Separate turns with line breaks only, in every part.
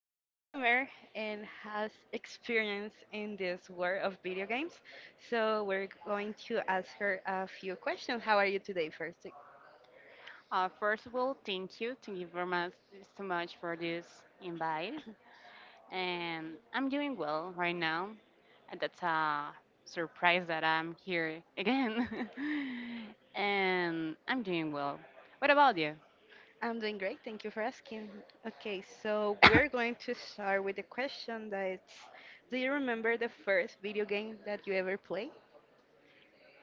a streamer and has experience in this world of video games. So we're going to ask her a few questions. How are you today, first?
First of all, thank you. Thank you very much so much for this invite. And I'm doing well right now. And that's a surprise that I'm here again. And I'm doing well. What about you?
I'm doing great. Thank you for asking. Okay, so we're going to start with a question that's do you remember the first video game that you ever played?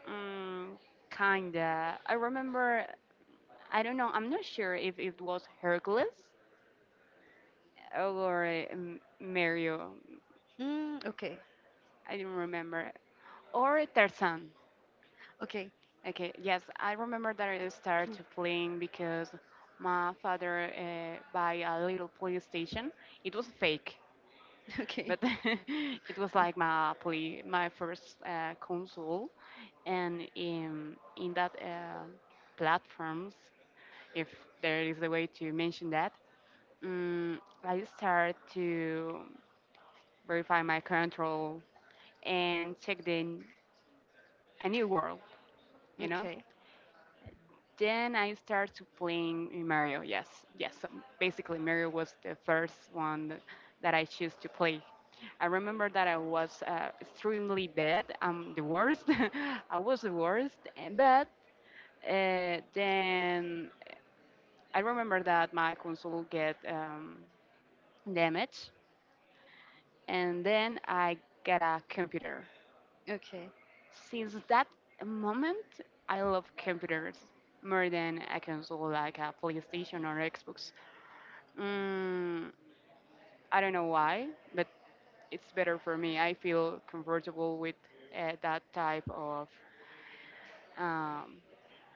Mm, kinda. I remember. I don't know. I'm not sure if it was Hercules or Mario.
Mm, okay.
I don't remember. Or Tarzan.
Okay.
Okay, yes, I remember that I started playing because my father buy a little PlayStation. It was fake,
Okay.
but it was like my play, my first console, and in that platforms, if there is a way to mention that, I started to verify my control and check a new world, you know.
Okay.
Then I started to playing Mario. Yes, yes. So basically, Mario was the first one that I choose to play. I remember that I was extremely bad. I'm the worst. I was the worst. But then I remember that my console get damaged, and then I get a computer.
Okay.
Since that moment, I love computers more than a console like a PlayStation or Xbox. Mm, I don't know why, but it's better for me. I feel comfortable with that type of um,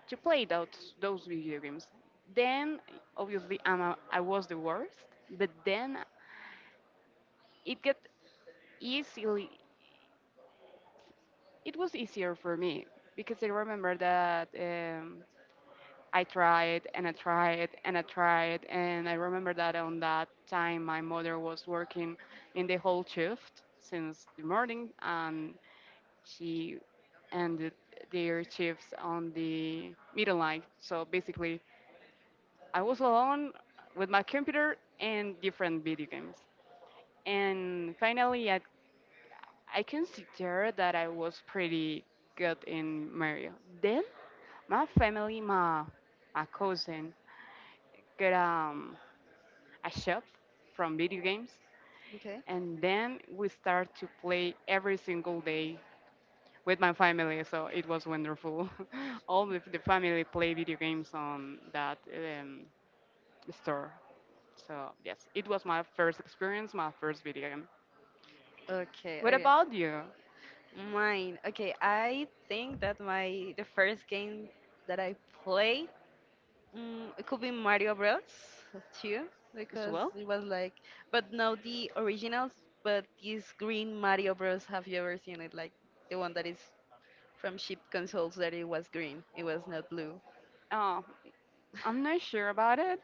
to play those video games. Then obviously I was the worst, but then it got easily it was easier for me because I remember that I tried and I tried and I tried, and I remember that on that time my mother was working in the whole shift since the morning, and she ended their shifts on the middle line. So basically, I was alone with my computer and different video games. And finally, I consider that I was pretty good in Mario. Then my my cousin got a shop from video games,
Okay.
and then we start to play every single day with my family, so it was wonderful. All of the family play video games on that store. So yes, it was my first experience, my first video game.
Okay.
What
Okay.
about you
Mine. Okay, I think that my the first game that I played it could be Mario Bros. too
as
because
well?
it was like, but no the originals, but this green Mario Bros. Have you ever seen it? Like the one that is from cheap consoles that it was green, it was not blue.
Oh, I'm not sure about it.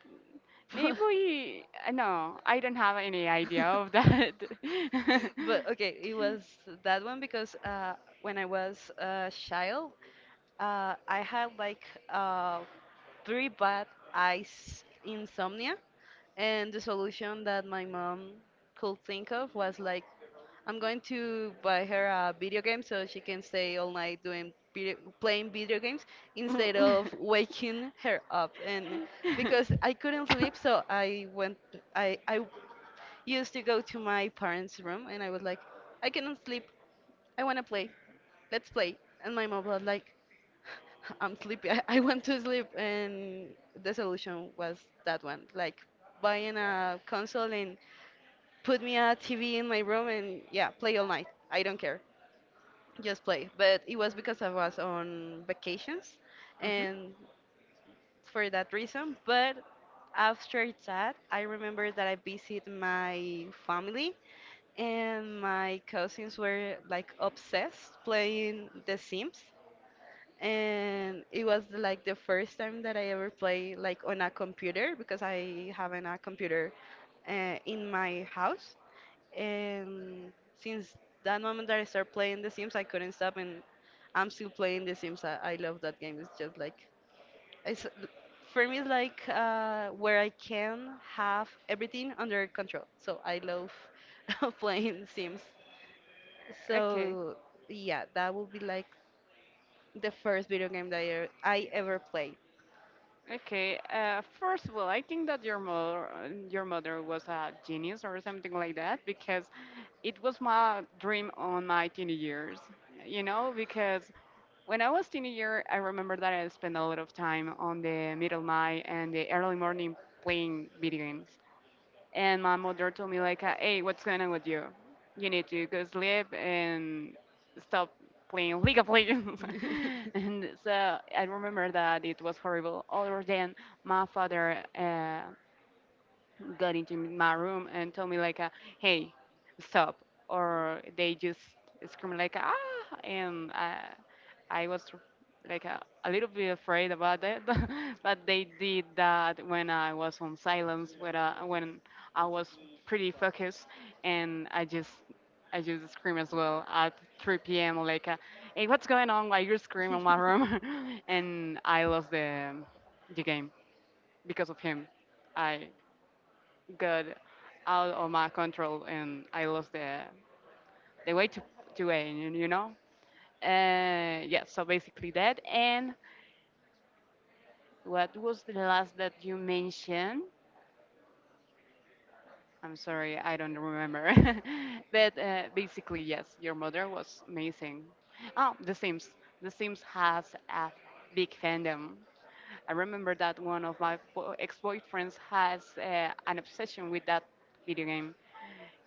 Maybe no, I don't have any idea
But-
of that.
But okay, it was that one because when I was a child, I had like uh, three bad eyes insomnia, and the solution that my mom could think of was like, I'm going to buy her a video game so she can stay all night doing video, playing video games instead of waking her up. And because I couldn't sleep, so I went, I used to go to my parents' room and I was like, I cannot sleep. I want to play. Let's play. And my mom was like, I'm sleepy. I want to sleep. And the solution was that one, like buying a console and put me a TV in my room and yeah, play all night. I don't care. Just play. But it was because I was on vacations
Mhm.
and for that reason. But after that, I remember that I visited my family and my cousins were like obsessed playing The Sims. And it was like the first time that I ever played like on a computer because I haven't a computer in my house. And since that moment that I started playing The Sims, I couldn't stop, and I'm still playing The Sims. I love that game. It's just like it's for me it's like where I can have everything under control. So I love playing Sims.
Okay.
So yeah, that would be like the first video game that I ever played.
Okay. First of all, I think that your mother was a genius or something like that, because it was my dream on my teenage years. You know, because when I was teenager, I remember that I spent a lot of time on the middle night and the early morning playing video games, and my mother told me like, "Hey, what's going on with you? You need to go sleep and stop playing League of Legends." And so I remember that it was horrible. Other than my father. Got into my room and told me like, "Hey, stop!" Or they just scream like, "Ah!" And I was like a little bit afraid about that, but they did that when I was on silence, when I was pretty focused, and I just scream as well at 3 p.m. like, "Hey, what's going on? Why you screaming in my room?" And I lost the game because of him. I got out of my control and I lost the way to aim, you know. Yeah, so basically that. And what was the last that you mentioned? I'm sorry, I don't remember. But basically, yes, your mother was amazing. Oh, The Sims. The Sims has a big fandom. I remember that one of my ex-boyfriends has an obsession with that video game,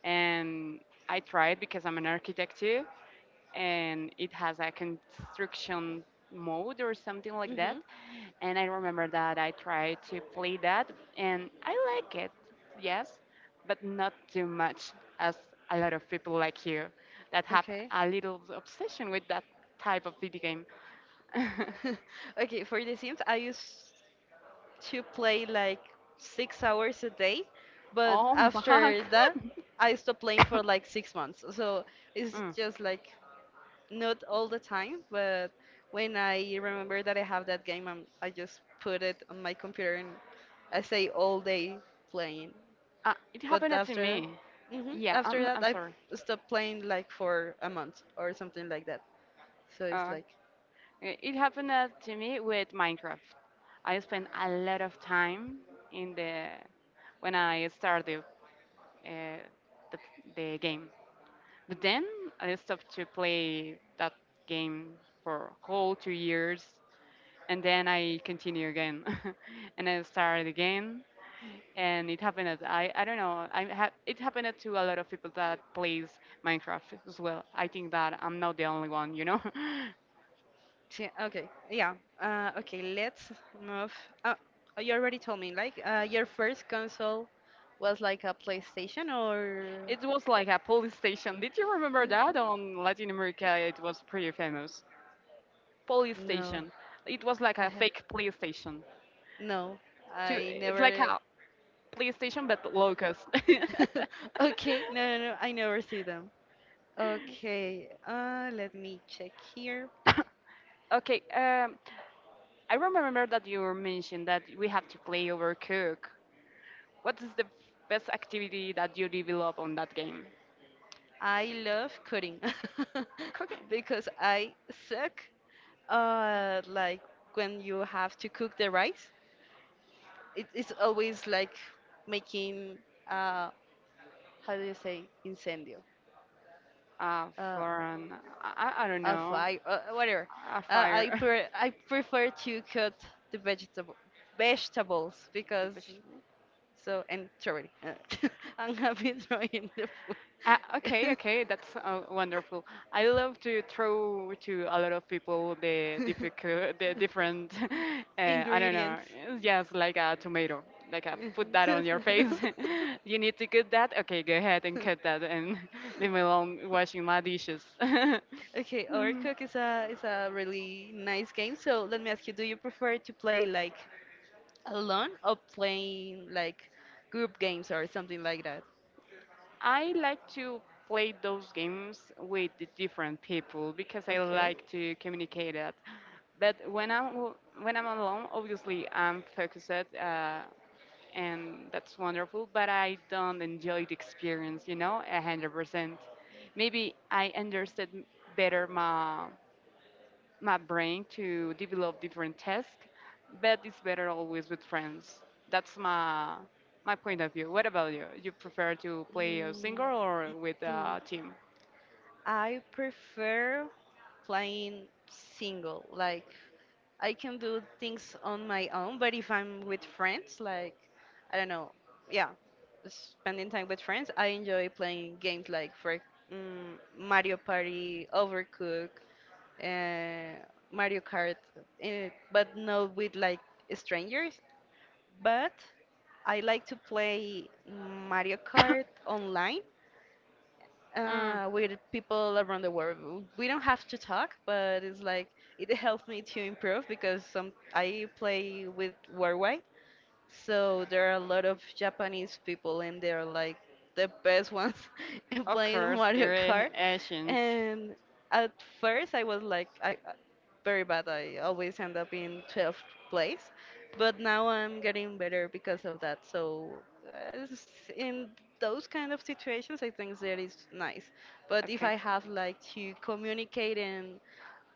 and I tried because I'm an architect too, and it has a construction mode or something like that.
hmm
And I remember that I tried to play that and I like it, yes, but not too much as a lot of people like you that have
Okay.
a little obsession with that type of video game.
Okay, for The Sims, I used to play like 6 hours a day, but
Oh my
after
god.
that, I stopped playing for like 6 months. So it's
Mm.
just like not all the time, but when I remember that I have that game, I just put it on my computer and I say all day playing.
It
But
happened to
after that,
me.
hmm after that,
I'm
I
sorry.
stopped playing like for a month or something like that. So it's
Uh,
like,
it happened to me with Minecraft. I spent a lot of time in the when I started uh, the, the game, but then I stopped to play that game for whole 2 years, and then I continue again, and I started again, and it happened at I don't know it happened to a lot of people that plays Minecraft as well. I think that I'm not the only one, you know.
Okay, yeah, okay, let's move. Uh, you already told me, like, your first console was like a PlayStation or.
It was like a police station. Did you remember that on Latin America? It was pretty famous. Police
No.
station. It was like
I
a
have
fake police station.
no,
To
I
It's like
never.
a police station but locust.
Okay, no, no, no, I never see them. Okay, let me check here.
Okay, I remember that you mentioned that we have to play overcook. What is the best activity that you develop on that game?
I love coding
Cooking.
because I suck. Like when you have to cook the rice, it's always like making uh, how do you say incendio
Uh,
uh,
for an, I don't
a
know,
fire whatever
a fire.
I prefer to cut the vegetable vegetables
The
because
vegetable.
so and sorry I'm happy throwing the
Okay,
food
okay, that's wonderful. I love to throw to a lot of people the different, I don't know,
ingredients
it's just like a tomato, like a put that on your face. You need to cut that. Okay, go ahead and cut that and leave me alone washing my dishes. I
Okay, Overcooked is a really nice game. So let me ask you, do you prefer to play like alone or playing like group games or something like that?
like to play those games with the different people because I
Okay.
like to communicate it. But when I'm alone, obviously I'm focused. And that's wonderful. But I don't enjoy the experience, you know, 100%. Maybe I understood better my brain to develop different tasks, but it's better always with friends. That's my point of view. What about you? You prefer to play a single or with a
Mm.
team?
I prefer playing single, like I can do things on my own, but if I'm with friends, like, I don't know, yeah, spending time with friends, I enjoy playing games like, for Mario Party, Overcooked, uh, Mario Kart, but not with like strangers. But I like to play Mario Kart online
Mm.
with people around the world. We don't have to talk, but it's like it helped me to improve because some I play with worldwide, so there are a lot of Japanese people and they're like the best ones in
Of
playing
course,
Mario
there are
Kart.
Asians.
And at first I was like very bad. I always end up in 12th place. But now I'm getting better because of that. So uh, s- in those kind of situations I think that is nice. But if
Okay.
I have like to communicate and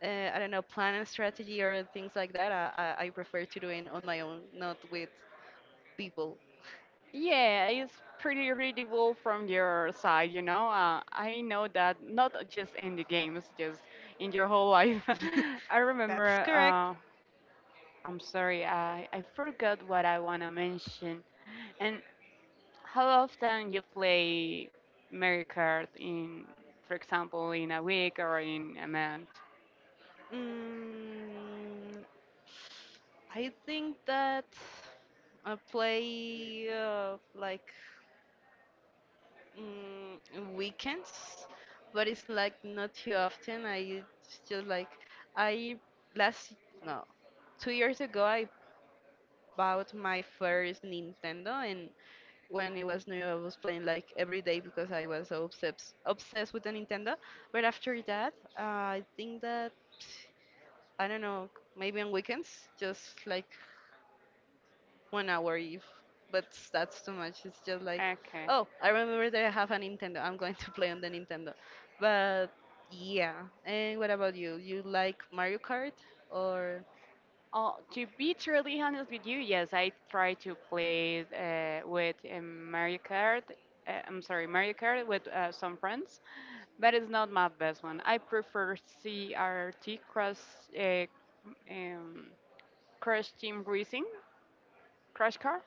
I don't know, plan a strategy or things like that, I prefer to do it on my own, not with people.
Yeah, it's pretty readable from your side, you know. I know that not just in the games, just in your whole life. I
That's
remember,
correct.
I'm sorry, I forgot what I want to mention. And how often you play Mario Kart in, for example, in a week or in a month?
Mm, I think that I play like mm, weekends, but it's like not too often. I it's just like I last no 2 years ago I bought my first Nintendo, when it was new, I was playing like every day because I was so obsessed with the Nintendo. But after that, I think that I don't know, maybe on weekends, just like 1 hour if. But that's too much. It's just like,
Okay.
oh, I remember that I have a Nintendo. I'm going to play on the Nintendo. But yeah. And what about you? You like Mario Kart or?
Oh, to be truly honest with you, yes, I try to play with Mario Kart. I'm sorry, Mario Kart with some friends, but it's not my best one. I prefer CRT Crash, uh, um, Crash Team Racing, Crash Car.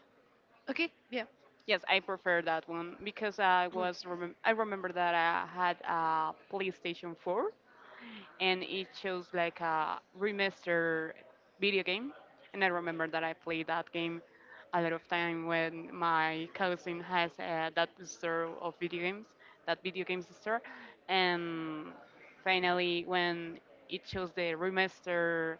Okay, yeah.
Yes, I prefer that one because I remember that I had a PlayStation 4 and it shows like a remaster video game. And I remember that I played that game a lot of time when my cousin has that store of video
Mm.
games, that video games store, and finally when it shows the remaster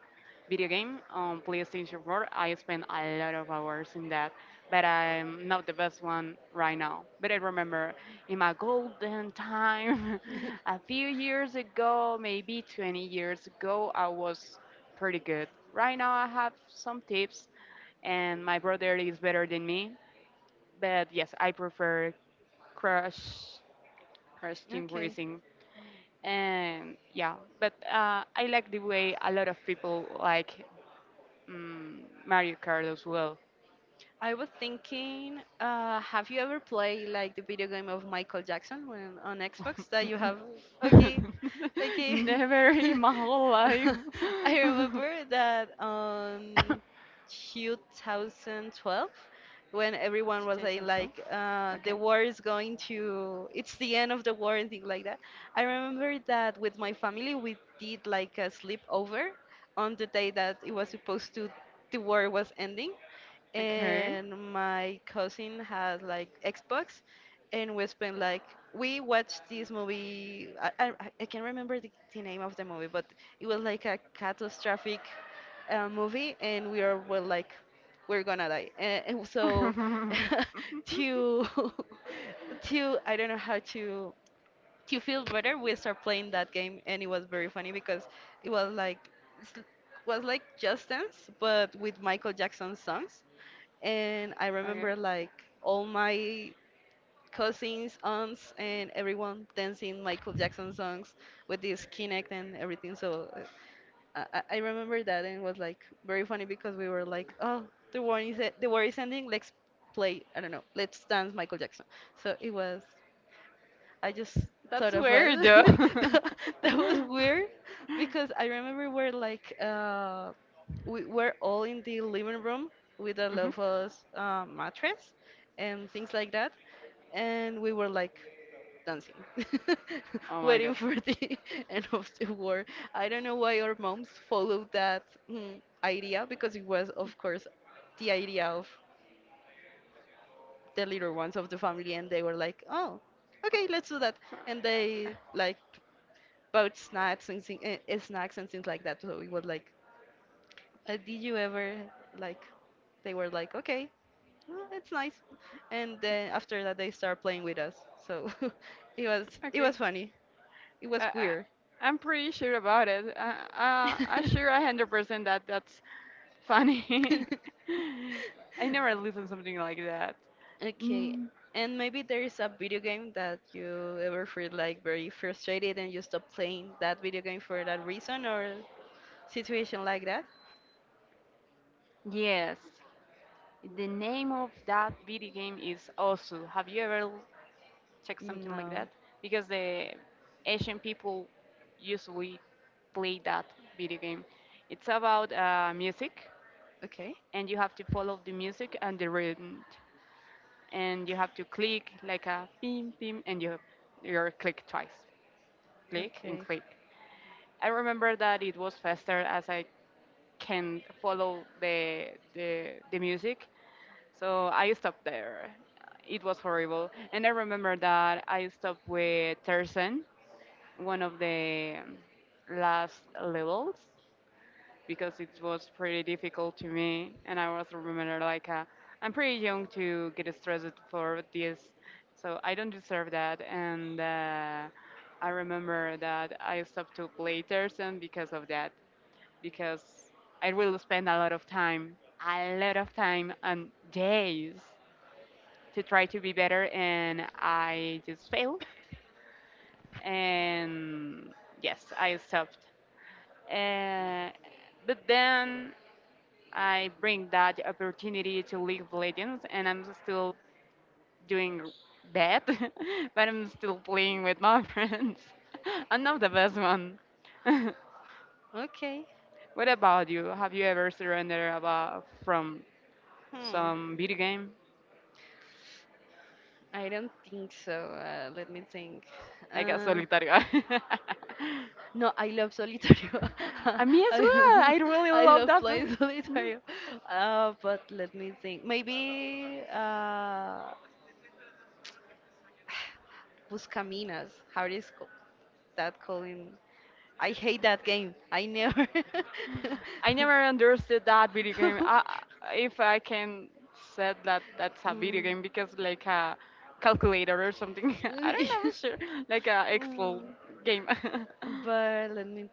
video game on PlayStation 4, I spent a lot of hours in that, but I'm not the best one right now. But I remember in my golden time. A few years ago, maybe 20 years ago, I was pretty good. Right now, I have some tips, and my brother is better than me. But yes, I prefer crush, crush team
Okay.
racing. And yeah, but I like the way a lot of people like Mario Kart as well.
I was thinking, have you ever played like the video game of Michael Jackson when on Xbox that you have? Okay, okay.
Never in my whole life.
I remember that on 2012 when everyone was
Today's
saying
on 12?
like the war is going to, it's the end of the war and things like that. I remember that with my family we did like a sleepover on the day that it was supposed to the war was ending
Okay.
and my cousin has like Xbox, and we spent like we watched this movie. I can't remember the name of the movie, but it was like a catastrophic movie, and we are were like we're gonna die, and so to to I don't know how to feel better, we start playing that game, and it was very funny because it was like. s- was like Just Dance, but with Michael Jackson songs and I
Okay.
remember like all my cousins, aunts, and everyone dancing Michael Jackson songs with this Kinect and everything. So I remember that and it was like very funny because we were like, oh, the war is ending. Let's play. I don't know. Let's dance Michael Jackson. So it was. I just thought
That's
of us.
weird though.
That was weird because I remember we're like we were all in the living room with a
Mhm.
Lofos mattress and things like that, and we were like dancing,
Oh my
waiting
god.
for the end of the war. I don't know why our moms followed that idea because it was, of course, the idea of the little ones of the family and they were like oh okay let's do that and they like bought snacks and snacks and things like that so it was like did you ever like they were like okay well, it's nice and then after that they start playing with us so it was it
Okay.
was funny it
Uh,
was
uh,
queer.
I'm pretty sure about it. I'm sure 100% that that's funny. I never listened something like that.
Okay,
Mm,
and maybe there is a video game that you ever feel like very frustrated and you stop playing that video game for that reason or situation like that?
yes, the name of that video game is Osu. Have you ever check something like
No.
that because the Asian people usually play that video game. It's about music,
Okay.
and you have to follow the music and the rhythm, and you have to click like a pim pim, and you click twice, click and
Okay.
click. I remember that it was faster as I can follow the music, so I stopped there. It was horrible, and I remember that I stopped with Tarzan one of the last levels because it was pretty difficult to me, and I also remember like I'm pretty young to get stressed for this, so I don't deserve that, and I remember that I stopped to play Tarzan because of that, because I will spend a lot of time, a lot of time and days to try to be better, and I just failed, and yes, I stopped. Uh, but then I bring that opportunity to League of Legends, and I'm still doing that, but I'm still playing with my friends. I'm not the best one.
Okay.
What about you? Have you ever surrendered about from
Hmm.
some video game,
I don't think so. Let me think.
like a
Uh,
solitario?
No, I love solitario.
Me as well.
I,
I really
I
love
love
that.
playing solitario. But let me think. Maybe Buscaminas. That called in? I hate that game. I never.
I never understood that video game. I, if I can said that that's a video
Mm.
game because like a calculator or something. I don't know, sure. Like a Excel
Mm.
game.
But let me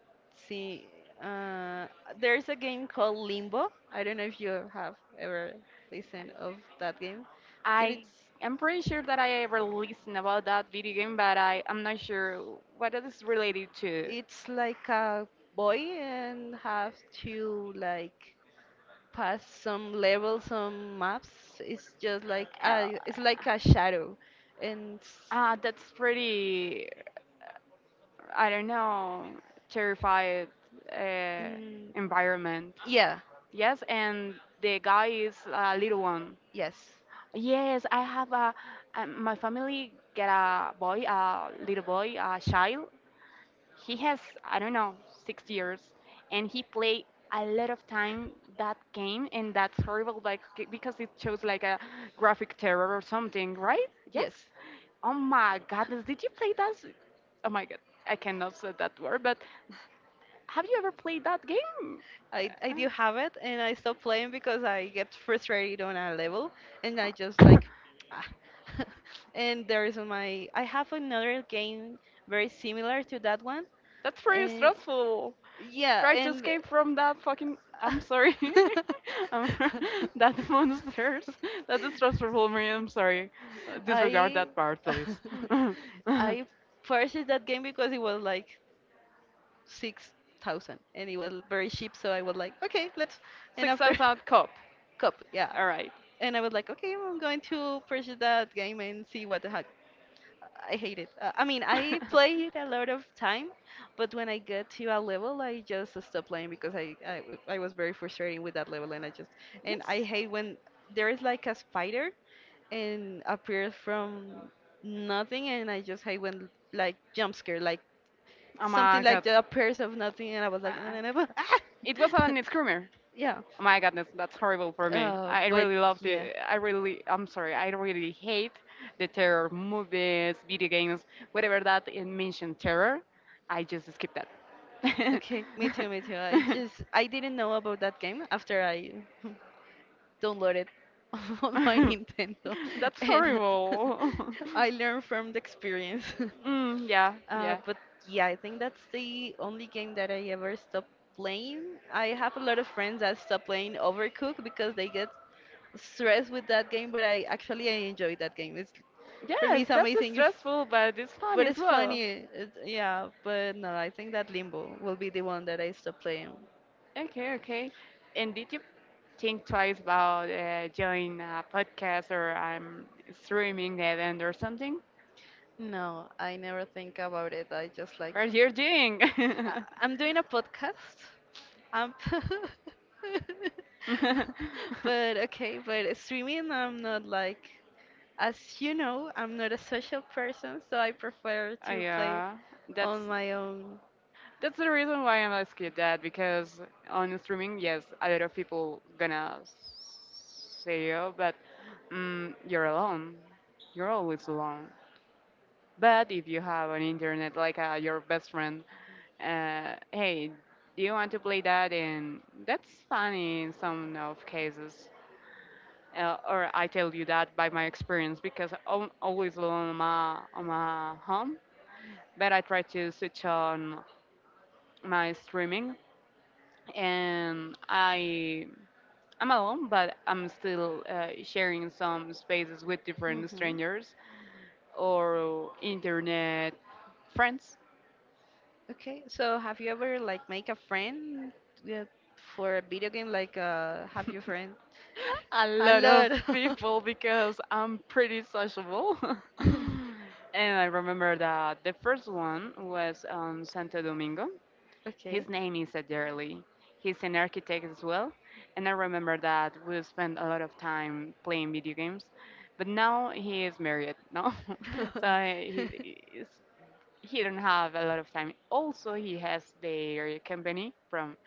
see. Uh, there's a game called Limbo. I don't know if you have ever listened of that game. That
I am pretty sure that I ever listened about that video game, but I am not sure what it is related to.
it's like a boy and have to like pass some levels, some maps. It's just like
Uh,
it's like a shadow, and
that's pretty. I don't know. Terrified uh,
mm,
environment.
yeah,
Yes, and the guy is a little one.
yes,
Yes, my family get a boy, a little boy, a child. He has, I don't know, 6 years, and he play a lot of time that game, and that's horrible, like because it shows like a graphic terror or something, right?
yes.
Yes. Oh my goodness, did you play that? Oh my god, I cannot say that word, but have you ever played that game?
I
Uh,
do have it, and I stopped playing because I get frustrated on a level, and I just like, ah. and there is my. I have another game very similar to that one.
That's pretty
Uh,
stressful.
yeah,
Try to
and.
escape from that fucking. I'm sorry. um, that monsters. That is stressful for me. I'm sorry. Disregard
I
that part, please.
I purchased that game because it was like 6,000, and it was very cheap. So I was like, okay, let's. And
six
after
thousand cop.
cup, yeah.
All right.
And I was like, okay, I'm going to purchase that game and see what the heck. I hate it. I mean, I play it a lot of time, but when I get to a level, I just stop playing because I was very frustrated with that level, and I just and
Yes.
I hate when there is like a spider and appears from nothing, and I just hate when like jump scare, like
Oh
something
my
like
god.
that appears of nothing, and I was like, no,
Uh,
no, no, but, ah!
it was an screamer.
yeah.
Oh my goodness, that's horrible for me. I
But
really love
yeah.
the. I really. I'm sorry. I really hate the terror movies, video games, whatever that it mentioned terror. I just skip that.
Okay, me too, me too. I didn't know about that game after I downloaded on my Nintendo,
That's
and
horrible.
I learned from the experience.
Mm, yeah, yeah.
But yeah, I think that's the only game that I ever stopped playing. I have a lot of friends that stop playing Overcooked because they get stressed with that game, but I enjoy that game. It's for me
Yes,
it's
that's
amazing. It's
stressful, but it's fun
but
as
it's funny.
well.
It, yeah, but no, I think that Limbo will be the one that I stop playing.
Okay, okay. And did you think twice about joining a podcast or streaming event or something?
No, I never think about it. I just like
What you're doing?
Uh, I'm doing a podcast. Um, but okay, but streaming, I'm not like, as you know, I'm not a social person, so I prefer
Oh,
to play it
yeah,
on
that's
my own.
That's the reason why I'm asking that because on streaming, yes, a lot of people gonna say, "Oh, but mm, you're alone. You're always alone." But if you have an internet like your best friend, hey, do you want to play that? And that's funny in some of cases. Or I tell you that by my experience because I'm always alone on my home. But I try to switch on my streaming and I'm alone, but I'm still sharing some spaces with different
Hmm
strangers or internet friends.
Okay, so have you ever like make a friend uh, for a video game? Like, have your friend?
A
A
lot of
lot.
people because I'm pretty sociable. And I remember that the first one was on Santo Domingo.
Okay.
His name is Adderley. He's an architect as well, and I remember that we spent a lot of time playing video games. But now he is married, no? so he is- he don't have a lot of time. Also, he has their company from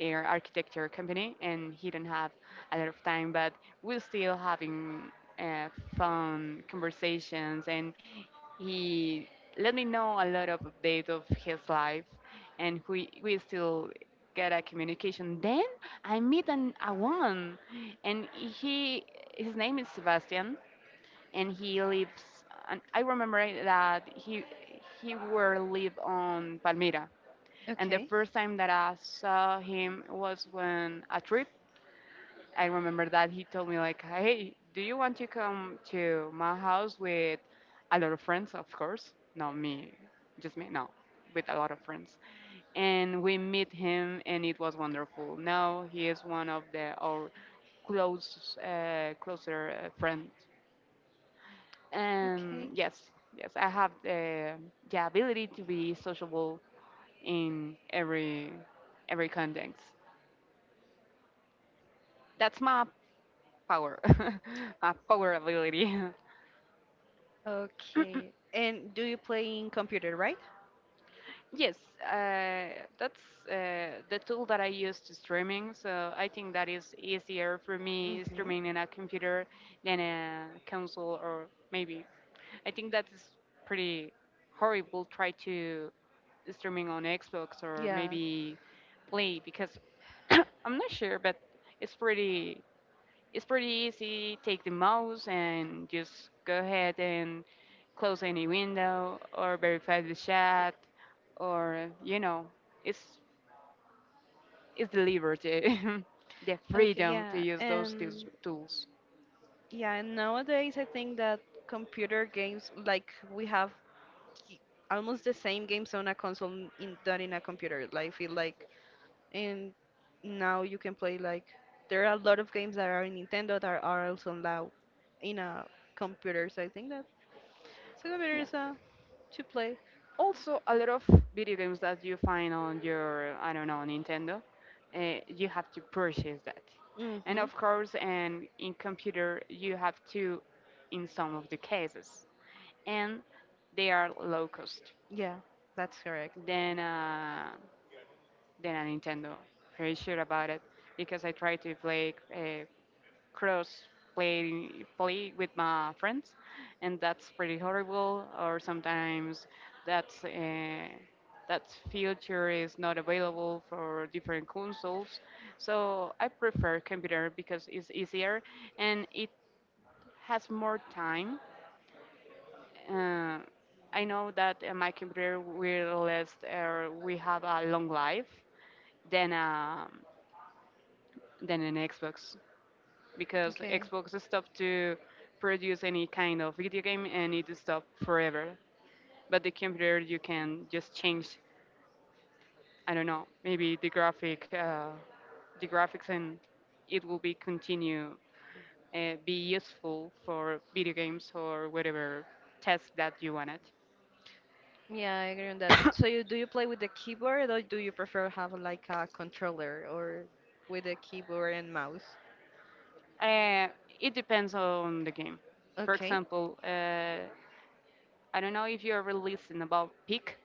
their architecture company, and he don't have a lot of time. But we're still having uh, fun conversations, and he let me know a lot of updates of his life, and we still get a communication. Then I meet an a woman, and he his name is Sebastian, and he lives. And I remember that he were live on Palmira, and the
Okay.
first time that I saw him was when a trip. I remember that he told me like, "Hey, do you want to come to my house with a lot of friends? Of course, not me, just me. No, with a lot of friends." And we meet him, and it was wonderful. Now he is one of the our closer friends.
Okay.
And yes, yes, I have the ability to be sociable in every context. That's my power, my power ability.
Okay. And do you play in computer, right?
Yes, uh, that's the tool that I use to streaming. So I think that is easier for me
Mm-hmm.
streaming in a computer than a console or maybe. I think that is pretty horrible. Try to streaming on Xbox or
Yeah.
maybe Play because I'm not sure, but it's pretty. It's pretty easy. Take the mouse and just go ahead and close any window or verify the chat or you know, it's it's the liberty, the
Okay,
freedom to
yeah.
use those tools.
And
Tools.
yeah, and nowadays I think that computer games, like we have ki- almost the same games on a console in, than in a computer. Like I feel like and now you can play like there are a lot of games that are in Nintendo that are also now in a computer. So I think that so the better
Yeah.
is to play.
Also, a lot of video games that you find on your, I don't know, Nintendo, you have to purchase that. And
Mm-hmm.
of course, and in computer, you have to, in some of the cases. And they are low cost
Yeah, that's correct.
than uh, than a Nintendo. Pretty sure about it because I try to play cross play with my friends, and that's pretty horrible. Or sometimes that's uh, that feature is not available for different consoles. So I prefer computer because it's easier and it has more time. uh, I know that my computer will last or we have a long life than um than an Xbox because
Okay.
Xbox stopped to produce any kind of video game and it stopped forever. But the computer you can just change. I don't know, maybe the graphics, and it will be continue be useful for video games or whatever task that you want it.
Yeah, I agree on that. So you do you play with the keyboard or do you prefer have like a controller or with a keyboard and mouse?
Uh, it depends on the game. For
Okay.
example, I don't know if you're releasing about Peak.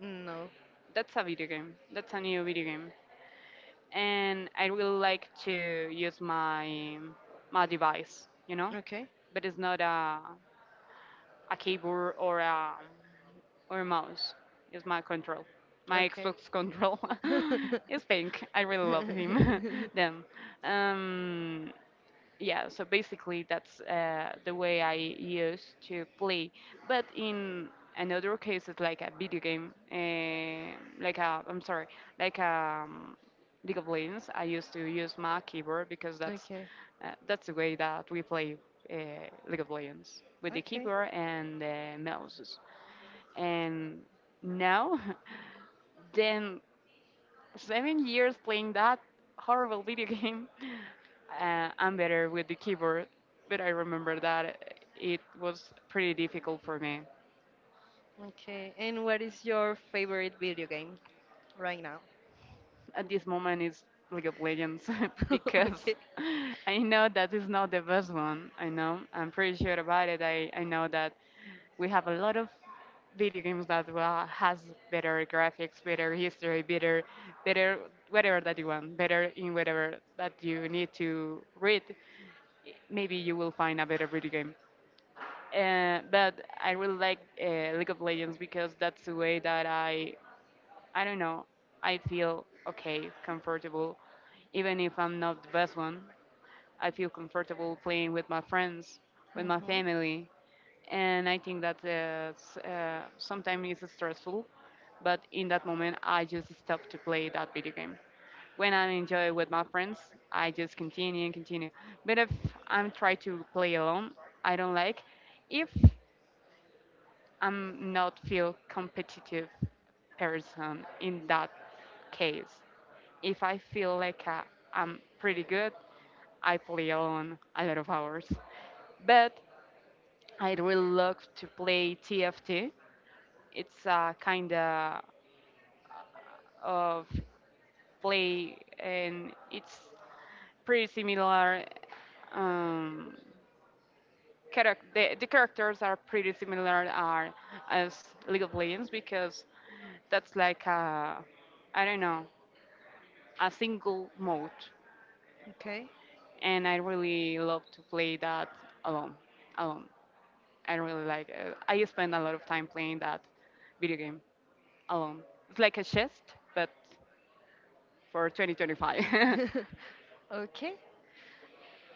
No.
That's a new video game, and I really like to use my device, you know,
Okay.
but it's not a keyboard or a mouse. It's my control, my
Okay.
Xbox control. It's pink. I really love him. Them. Um, yeah, so basically that's the way I used to play, but in another cases like a video game, like a I'm sorry like League of Legends I used to use my keyboard because
Okay.
that's the way that we play uh, League of Legends with the
Okay.
keyboard and the mouses. And now then 7 years playing that horrible video game. I'm better with the keyboard, but I remember that it was pretty difficult for me.
Okay. And what is your favorite video game right now?
At this moment, it's League of Legends because
Okay.
I know that is not the best one. I know, I'm pretty sure about it. I know that we have a lot of video games that will, has better graphics, better history, better whatever that you want, better in whatever that you need to read. Maybe you will find a better video game. But I really like League of Legends because that's the way that I don't know, I feel okay, comfortable. Even if I'm not the best one, I feel comfortable playing with my friends, with my family, and I think that is, sometimes it's stressful, but in that moment I just stop to play that video game. When I enjoy with my friends, I just continue and continue. But if I'm try to play alone, I don't like. If I'm not feel competitive person in that case, if I feel like I'm pretty good, I play alone a lot of hours. But I really love to play TFT. It's a kind of play, and it's pretty similar. Um, the characters are pretty similar are as League of Legends because that's like a, I don't know, a single mode,
Okay.
and I really love to play that alone. Alone, I really like. It. I spend a lot of time playing that video game alone. It's like a chest, but for 2025.
Okay.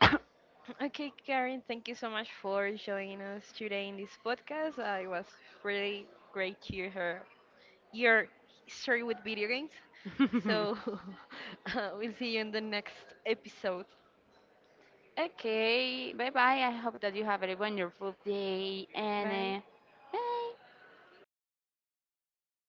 Okay, Karen, thank you so much for joining us today in this podcast. It was really great to hear your history with video games. So, we'll see you in the next episode.
Okay, bye bye. I hope that you have a wonderful day,
Bye.
and uh, bye.